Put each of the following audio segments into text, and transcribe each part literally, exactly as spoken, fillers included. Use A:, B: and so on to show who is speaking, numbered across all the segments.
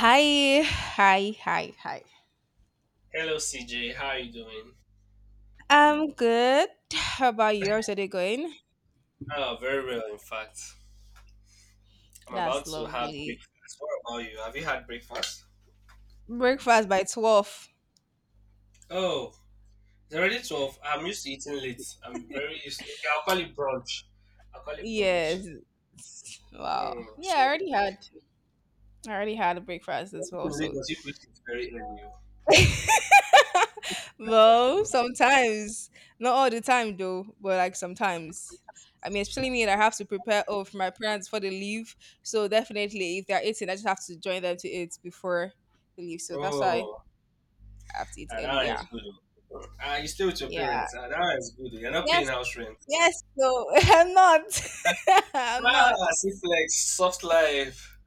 A: Hi, hi, hi, hi.
B: Hello, C J. How are you doing?
A: I'm good. How about you? How's your day going?
B: Oh, very well, in fact. I'm about
A: That's
B: to have
A: lovely.
B: breakfast. What about you? Have you had breakfast?
A: Breakfast by twelve.
B: Oh, it's already twelve. I'm used to eating late. I'm very used to... Okay, I'll call it brunch. I'll call it brunch.
A: Yes. Wow.
B: Hmm.
A: Yeah, I
B: so,
A: already had. I already had a breakfast as well,
B: People in
A: so.
B: Lagos, you eat it very early.
A: Well, sometimes. Not all the time, though, but like sometimes. I mean, especially me, that I have to prepare oh, for my parents for the leave. So definitely, if they're eating, I just have to join them to eat before the leave. So that's why
B: Oh,
A: I have to eat
B: ah, that
A: early.
B: one
A: Yeah.
B: is good. Oh. Ah, you stay with your
A: Yeah.
B: parents. Ah, that one is good. Oh. You're not paying
A: Yes.
B: house rent.
A: Yes. No, I'm not. I'm
B: Ah,
A: not.
B: see flex, soft life.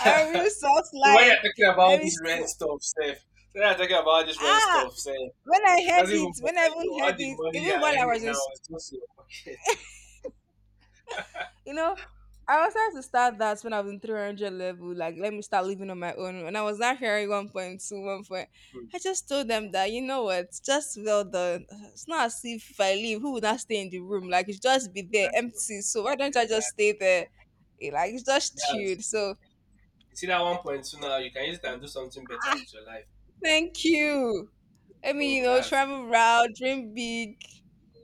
A: I real soft
B: So when you're
A: life.
B: talking about
A: Let me
B: this rent
A: see.
B: stuff, Seth, so when you're talking about this rent
A: Ah,
B: stuff, Seth,
A: when I
B: it
A: heard
B: doesn't even
A: it,
B: bother
A: when I
B: you.
A: even
B: All
A: heard
B: the
A: it,
B: money you're
A: even while I
B: earning
A: was in,
B: now
A: s-
B: is just in your pocket.
A: you know, I was trying to start that when I was in three hundred level. Like, let me start living on my own. When I was not hearing one point two, one point,
B: Hmm,
A: I just told them that, you know what, just well done. It's not as if if I leave, who would not stay in the room? Like, it's just be there
B: exactly.
A: empty. So why don't I just
B: Exactly.
A: stay there? Eh, like, it's just
B: That's it,
A: chilled.
B: bro.
A: So,
B: You see that one point two now, you can use it and do something better with your life.
A: thank you. I mean, you
B: Hmm,
A: know,
B: that's
A: travel around, dream big.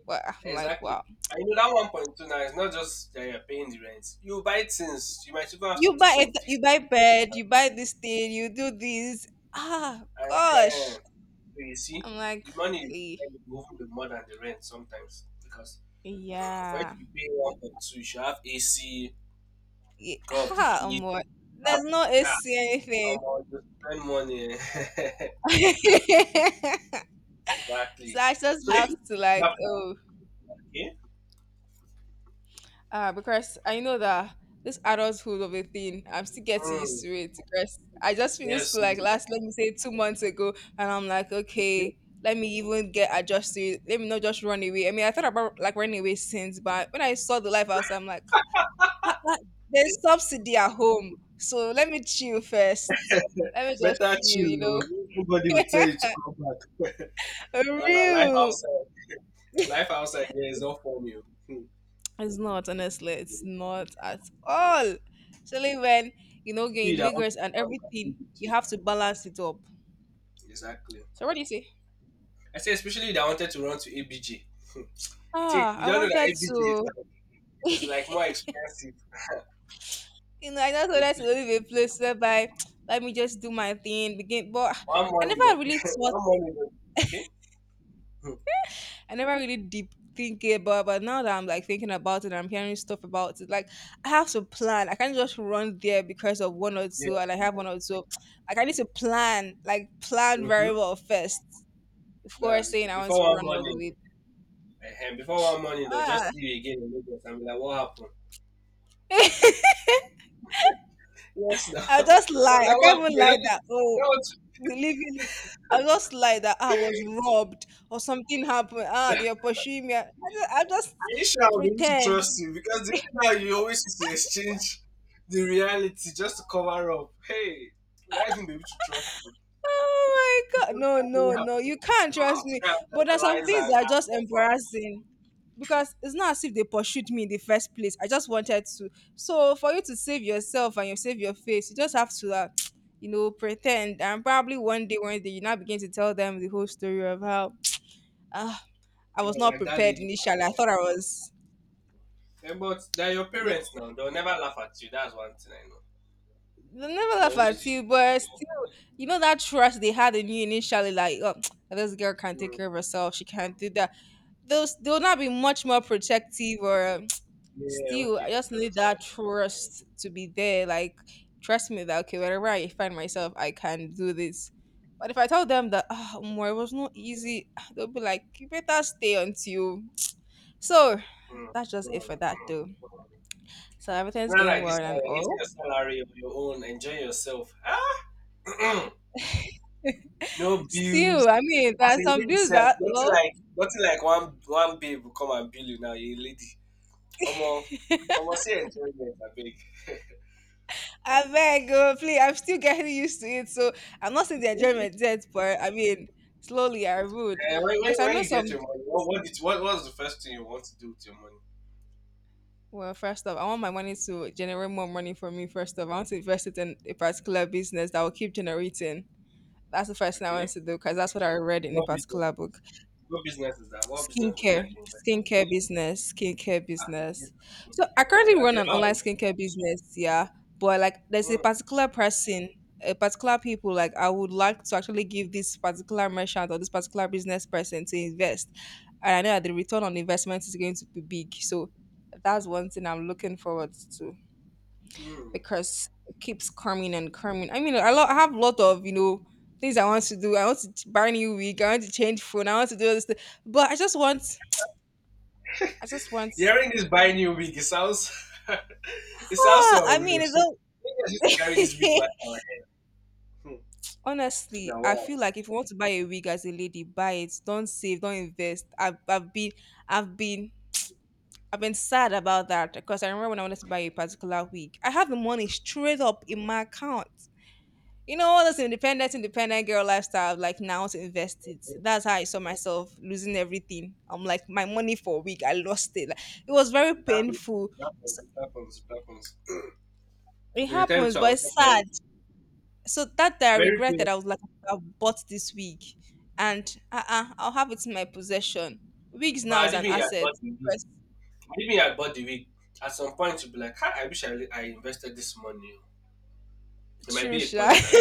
A: Well, I'm like,
B: exactly.
A: wow.
B: And you know that one point two now is not just that you're paying the rent. You buy things, you might even have to
A: You
B: do
A: buy
B: some
A: it, you
B: fixing.
A: buy bed, you buy this thing, you do this. Ah,
B: And, uh,
A: gosh.
B: so you see,
A: I'm like,
B: the money you
A: okay,
B: spend will even be more than the rent sometimes, because for it to
A: yeah,
B: be paying one point two, you should have A C,
A: yeah.
B: go of the
A: Ha, um,
B: heat,
A: what? There's no
B: have
A: A C
B: ah,
A: anything.
B: omo, you spend money.
A: So
B: Exactly.
A: I just
B: So if
A: have
B: you
A: to like,
B: sharper,
A: oh.
B: okay?
A: Uh, because I know that this adulthood of a thing, I'm still getting
B: hmm,
A: used to it. Because I just finished
B: yes
A: school
B: oh,
A: like last, let me say, two months ago, and I'm like,
B: okay.
A: okay, let me even get adjusted. Let me not just run away. I mean, I thought about like running away since, but when I saw the life outside, I'm like, "Ha- ha, there's subsidy at home, so let me chill first. Let me just
B: Better
A: chill,
B: chill
A: you
B: oh,
A: know.
B: nobody will tell you to come back. Ah, life
A: Real.
B: outside life outside here is not for you. Hmm.
A: It's not, honestly, it's not at all. Especially when you know you're
B: See
A: in
B: that want
A: Lagos
B: to
A: and
B: run to
A: everything, you
B: A B G.
A: have to balance it up.
B: Exactly.
A: So what do you say?
B: I say, especially you that wanted to run to A B G. you think
A: Ah,
B: you
A: I
B: don't know that
A: wanted
B: A B G is,
A: to,
B: it's like more expensive.
A: you know, I just
B: They
A: wanted to
B: pay
A: live a place whereby let me just do my thing, begin. But
B: one
A: I
B: money,
A: never really
B: but
A: thought,
B: one money, but okay. Hmm.
A: I never really deep think about. But now that I'm like thinking about it, I'm hearing stuff about it. Like I have to plan. I can't just run there because of one or two, and
B: Yes.
A: I have one or two. Like I need to plan, like plan very
B: Mm-hmm.
A: well first before
B: That's
A: saying
B: it.
A: I want
B: Before
A: to
B: one
A: run all the
B: morning,
A: way.
B: uh, before one morning, they'll just
A: Ah,
B: see you again in Lagos and be like, "What happened?" Yes, no.
A: I just
B: They'll
A: lie. I
B: like, "What
A: can't
B: happened?"
A: even
B: You know,
A: lie that, oh,
B: you know what?
A: we live in, I just lie that I was robbed or something happened. Ah, they are pursuing me. I just, i just
B: Are you sure I'll be able to
A: pretend.
B: trust you? Because the way now you always used to exchange the reality just to cover up. Hey, will I even be able to trust you?
A: Oh
B: So
A: my God.
B: sometimes
A: No,
B: it
A: no, no.
B: happen.
A: You can't
B: I
A: trust
B: have to
A: me.
B: kind of
A: But there's some
B: analyze
A: things
B: and,
A: that are
B: and
A: just
B: confirm.
A: embarrassing, because it's not as if they pursued me in the first place. I just wanted to. So for you to save yourself and you save your face, you just have to, uh, you know, pretend. And probably one day, one day, you now begin to tell them the whole story of how ah, I was
B: Yeah,
A: not
B: like that
A: prepared
B: lady.
A: initially. I thought I was.
B: Eh, but they're your
A: They
B: parents now. They'll never laugh at you. That's one thing I know.
A: never
B: They
A: laugh at
B: always use.
A: you, but still, you know that trust they had in you initially, like, oh, this girl can't take
B: Mm,
A: care of herself, she can't do that. Those they'll not be much more protective or um,
B: yeah,
A: still,
B: okay,
A: I
B: of
A: just need
B: course.
A: that trust to be there. Like, trust me that okay, wherever I find myself, I can do this. But if I tell them that oh, more it was not easy, they'll be like, you better stay until. So
B: Mm,
A: that's just it
B: mm.
A: for that though. So everything's
B: Not
A: going
B: like
A: well
B: this, uh,
A: and
B: It's
A: all.
B: your salary of your own. Enjoy yourself. Ah, no bills.
A: Still, I mean,
B: As
A: there are
B: a
A: some
B: lady,
A: bills
B: sef,
A: that
B: nothing
A: well,
B: like nothing like one one babe will come and bill you now. You're a lady. Omo, omo, say enjoyment, I beg.
A: I beg, oh, please, I'm still getting used to it. So I'm not seeing the
B: Eh,
A: enjoyment yet, but I mean, slowly I would,
B: when, when,
A: because I
B: when
A: know
B: you
A: some.
B: get your money, what what, did, what what's the first thing you want to do with your money?
A: Well, first off, I want my money to generate more money for me. First off, I want to invest it in a particular business that will keep generating. That's the first thing I want
B: Okay.
A: to do because that's what I read in a
B: What business
A: particular book.
B: is? What business is that? What business would you
A: skincare
B: like to invest in?
A: skincare business skincare
B: Ah, in this
A: business So I
B: skincare. Okay,
A: currently
B: okay,
A: run an online
B: that
A: skincare business, yeah, but like there's a
B: one.
A: particular person a particular people like I would like to actually give this particular merchant or this particular business person to invest, and I know that the return on investment is going to be big, so that's one thing I'm looking forward to,
B: Mm, mm.
A: because it keeps coming and coming. I mean, i, lo- I have a lot of you know things I want to do. I want to buy new wig, I want to change phone, I want to do all this thing, but I just want I just want.
B: Hearing this buying new wig, it sounds, it sounds
A: Ah,
B: so
A: I
B: real.
A: mean, it's
B: So,
A: all.
B: maybe I should carry this wig man on my head.
A: Honestly,
B: Now,
A: I
B: wow.
A: feel like if you want to buy a wig as a lady, buy it. Don't save, don't invest. I've, I've been, I've been, I've been sad about that because I remember when I wanted to buy a particular wig, I had the money straight up in my account. You know, all this independent, independent girl lifestyle. Like now to invest it. That's how I saw myself losing everything. I'm like, my money for a week, I lost it. Like, it was very
B: It happens,
A: painful.
B: it happens,
A: So,
B: it happens, it happens.
A: it
B: There's a time
A: happens,
B: to
A: but
B: another
A: it's
B: time. Like,
A: sad. So that day I
B: very clear.
A: regretted. I was like, I could have bought this wig, and uh-uh, I'll have it in my possession. Wigs
B: But
A: now
B: I
A: is
B: didn't
A: an
B: even had
A: asset.
B: bought the wig.
A: Because
B: I didn't even had bought the wig. At some point, you'll be like, "Ah, I wish I, I invested this money. It might
A: true,
B: be a
A: sure.
B: point that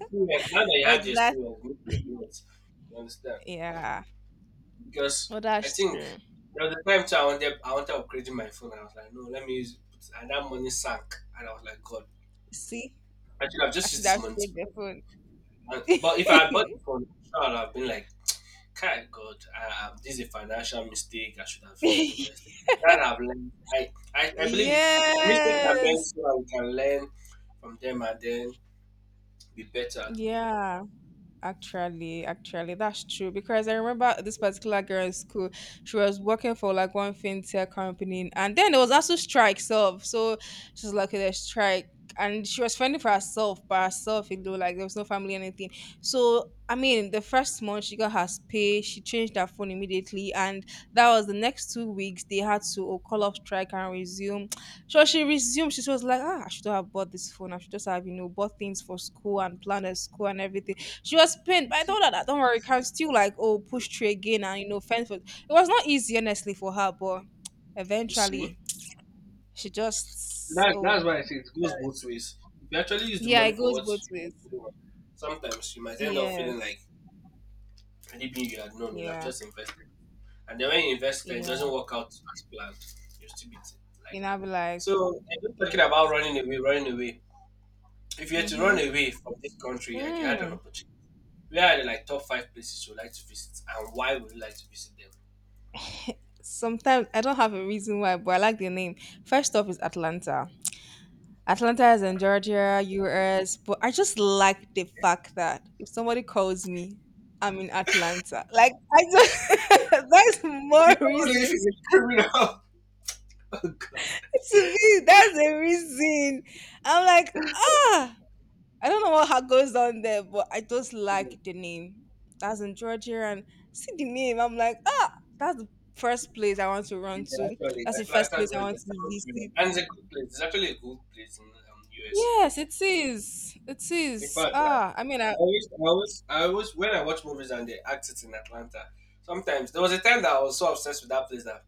B: experience, now that you have the
A: Exactly.
B: experience, you need the experience. You understand?
A: Yeah.
B: Because
A: Well,
B: I
A: that's
B: think
A: true.
B: there was a time too I wanted I wanted upgrading my phone. I was like, no, let me use it. And that money sank. And I was like, God,
A: See,
B: I should have
A: I
B: just used
A: should
B: this
A: have
B: money to
A: saved
B: buy
A: the
B: it.
A: phone.
B: And- But if I had bought the phone, I'm sure I'd have been like, Kai God, I, I, this is a financial mistake. I should have
A: Yes.
B: invested. That I've learned. I, I, I believe you- mistakes are meant so that we can learn from them and then be better.
A: Yeah. Actually, actually, that's true because I remember this particular girl in school. She was working for like one fintech company, and then there was also strikes of. So she was like, okay, there's strike, and she was fending for herself by herself. You know, like there was no family, anything. So I mean, the first month she got her pay, she changed her phone immediately, and that was the next two weeks they had to oh, call off strike and resume. So she resumed. She was like, ah, I should have bought this phone. I should just have you know bought things for school and planned a school and everything. She was pained,
B: You
A: but I
B: see?
A: told her that don't worry, you can still like oh push through again and you know fend for. It was not easy honestly for her, but
B: You see?
A: eventually she just
B: That,
A: oh
B: that's why I say it goes both ways. If you actually use the
A: yeah, it
B: money for
A: goes
B: what
A: both
B: you
A: ways.
B: really want, sometimes you might end up feeling
A: Yes,
B: like anything you had known, you'll have
A: yeah,
B: just invested. And then when you invest and it doesn't
A: yeah.
B: work out as planned, you'll still be t- like
A: And
B: that.
A: I'll be like,
B: So, and just
A: yeah.
B: talking about running away, running away. If you had to run
A: Mm-hmm.
B: away from this country, like you had an
A: Mm.
B: opportunity, where are the like top five places you would like to visit and why would you like to visit them?
A: Sometimes I don't have a reason why, but I like the name. First off is Atlanta. Atlanta is in Georgia, U S, but I just like the fact that if somebody calls me, I'm in Atlanta. Like I just that's more
B: You don't want to live
A: reason.
B: in a criminal. Oh, God.
A: To me, that's the reason. I'm like, ah, I don't know what ha- goes on there, but I just like the name. That's in Georgia, and see the name. I'm like, ah, that's the first place I want to run
B: Yeah,
A: to.
B: actually,
A: That's the first
B: Atlanta,
A: place I
B: Georgia
A: want to
B: sounds
A: visit.
B: brilliant. And it's a good place. It's actually a good place in um, U S A.
A: Yes, it is. It
B: In
A: is.
B: fact, I,
A: Ah, I mean,
B: I
A: I
B: always, I always, I always, when I watch movies and they act it in Atlanta, sometimes there was a time that I was so obsessed with that place that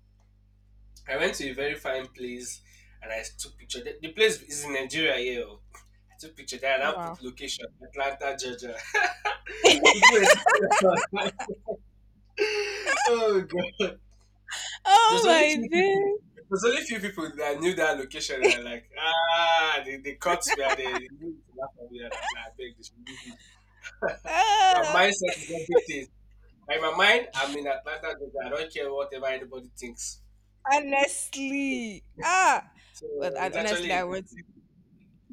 B: I went to a very fine place and I took picture. The, the place is in Nigeria here. Oh. I took picture there and I
A: wow.
B: put location Atlanta, Georgia. People were taking us. Oh god.
A: Oh
B: There's only
A: my
B: few people.
A: days.
B: There's only few people that knew that location. And are like, ah, they, they caught me and they, they knew to laugh at me. And I was like, I beg this. Your
A: Ah,
B: mindset is everything. Like in my mind, I'm in Atlanta, Georgia. I don't care whatever anybody thinks.
A: honestly. Ah.
B: So
A: Well, I,
B: it's
A: honestly,
B: actually a
A: I
B: good-
A: want to,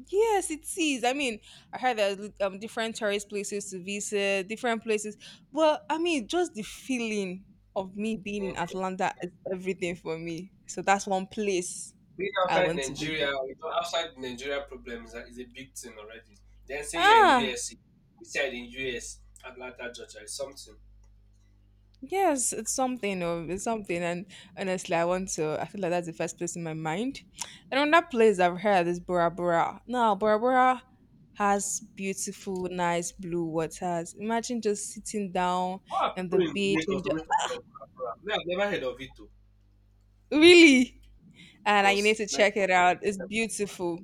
A: yes, it is. I mean, I heard there's li- um, different tourist places to visit, different places. Well, I mean, just the feeling of me being in
B: Mhm.
A: Atlanta is everything for me. So that's one place
B: Being
A: I
B: outside
A: want to
B: Nigeria,
A: visit.
B: you know, outside Nigeria problem is a, is a big thing already. Then saying you're in
A: Ah,
B: U S C, said in U S, Atlanta, Georgia is something.
A: Yes, it's something. Oh, it's something. And honestly, I want to. I feel like that's the first place in my mind. And another place I've heard is Bora Bora. Now, Bora Bora has beautiful, nice blue waters. Imagine just sitting down
B: How are
A: on
B: people
A: the
B: in
A: beach
B: Lagos
A: and just,
B: always talking about Accra? Me, I've never heard of it too.
A: really. And I, you need
B: Because
A: to
B: like
A: check it out. It's beautiful.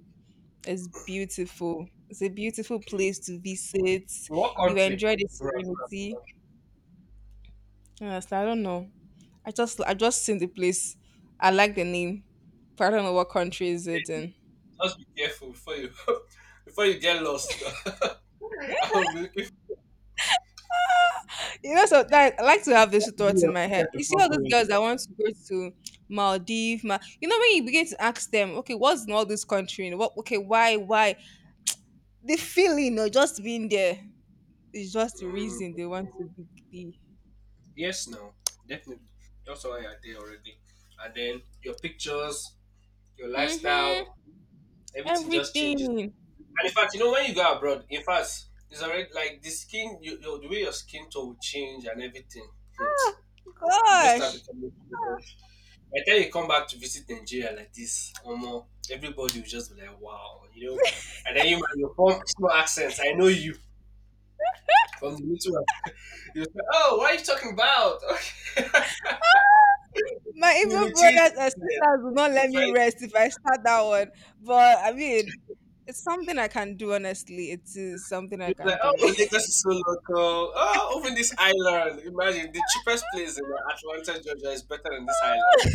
A: It's beautiful. It's a beautiful
B: okay,
A: place to visit.
B: what
A: You
B: country?
A: enjoy the
B: Bro, I feel like
A: serenity. Honestly, I don't know. I just I just seen the place. I like the name, but I don't know what country is it
B: yeah,
A: in.
B: just be careful before you before you get lost. I'll be looking for-
A: You know, so that I like to have this
B: What did you
A: thought in my
B: do
A: head.
B: your
A: You see
B: before
A: all those girls
B: going
A: that want to go to Maldives, Ma- you know, when you begin to ask them, okay, what's in all this country? You know, what okay, why, why? The feeling of just being there is just
B: there?
A: the
B: Mm,
A: reason they want to be. be.
B: yes, no, definitely. That's why I did already. And then your pictures, your
A: Mm-hmm.
B: lifestyle, everything just changes.
A: Everything.
B: And in fact, you know, when you go abroad, in fact, it's already like the skin, you, your, the way your skin tone will change and everything. Hmm.
A: Ah,
B: You just start
A: Gosh.
B: becoming. By the time you come back to visit Nigeria like this, omo, everybody will just be like, wow, you know. And then you might your form small accents. I know you from the little one. You'll say, oh, what are you talking about? Okay.
A: My
B: You
A: evil
B: will change
A: brothers and sisters will
B: accent.
A: not
B: You
A: let me
B: try to
A: rest if I start that one. But I mean, it's something I can do, honestly. It is something I
B: you'll be
A: can
B: like,
A: do.
B: oh, Lagos is so local. Oh, even this island. Imagine the cheapest place in Atlanta, Georgia is better than this island.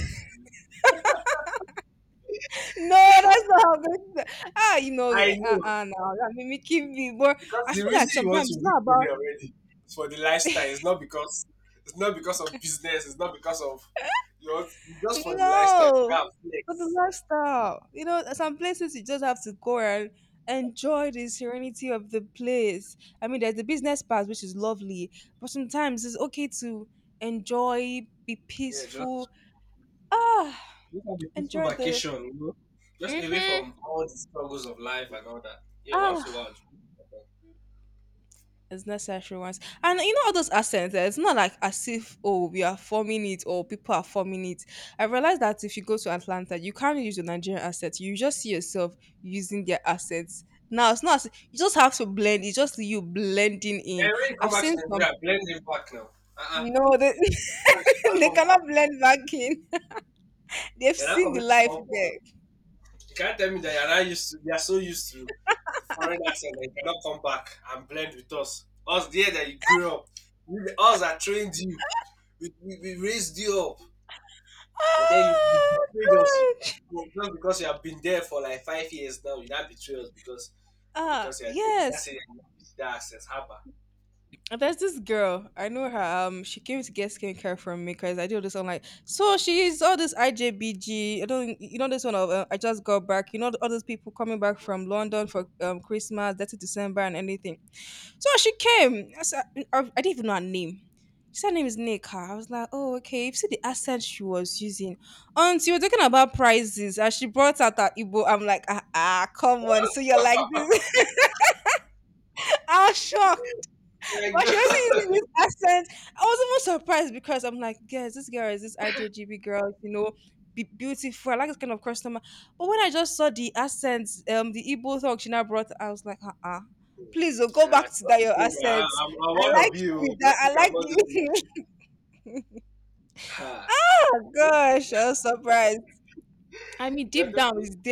A: No, that's not how good. Ah, you know,
B: I
A: uh,
B: know.
A: uh, no, that mimicking me. But
B: Because
A: I
B: the
A: feel
B: reason
A: like
B: you want to
A: sometimes it's
B: do
A: not
B: good
A: about,
B: here already is for the lifestyle. It's not because it's not because of business. It's not because of you know, it's just for the lifestyle to
A: no,
B: go and
A: but the
B: flex.
A: lifestyle. You know, some places you just have to go and enjoy the serenity of the place. I mean, there's the business part, which is lovely, but sometimes it's okay to enjoy, be
B: Yeah, just
A: peaceful. Ah,
B: just have a peaceful
A: enjoyed the
B: vacation, you know, just away
A: Mm-hmm.
B: from all the struggles of life and all that. Yeah, once a
A: ah
B: while. It's good.
A: as necessary ones. And you know all those accents, eh, it's not like as if oh we are forming it or people are forming it. I realized that if you go to Atlanta, you can't really use your Nigerian accent. You just see yourself using their accents. Now it's not as- you just have to blend, it's just you blending in.
B: And when you come
A: I've
B: back to
A: seen some,
B: Nigeria, blend it back now. Uh uh-uh.
A: no, they,
B: You should not
A: they
B: come
A: cannot
B: back.
A: blend back in. They've
B: You're not
A: seen
B: coming
A: the
B: to
A: life
B: come for
A: there.
B: you can't tell me that you're not used to, they are so used to the foreign accent that you cannot come back and blend with us. Us there that you grew up, you, us that trained you, we, we, we raised you up, and then you
A: Ah,
B: betrayed us.
A: good.
B: Well, just because you have been there for like five years now, you not betray us because
A: Ah,
B: because you're there. That's it.
A: yes.
B: That accent, haba.
A: And there's this girl, I know her. Um, she came to get skincare from me because I do this online. So she's all this I J B G. I don't, you know, this one of uh, I just got back. You know, all those people coming back from London for um Christmas, thirty December and anything. So she came. I, said- I, I didn't even know her name. She said her name is Nika. I was like, oh okay. You see the accent she was using. And she was talking about prices, and she brought out her Igbo. I'm like, ah, ah come on. So you're like this. I was shocked.
B: My
A: Why she always
B: God.
A: using this accent? I was even surprised because I'm like, yes, this girl is this I J G B girl, you know, be beautiful. I like this kind of customer. But when I just saw the accent, um, the Igbo talk she now brought, I was like, uh-uh. Please oh, go
B: Uh,
A: back to that your
B: I'm,
A: accents.
B: I'm
A: I
B: one
A: like
B: of you.
A: you with that.
B: Don't think
A: I
B: I'm
A: like
B: not just you.
A: you.
B: Ha.
A: Oh, gosh, I was surprised. I mean,
B: Yeah,
A: deep
B: thank
A: down is there,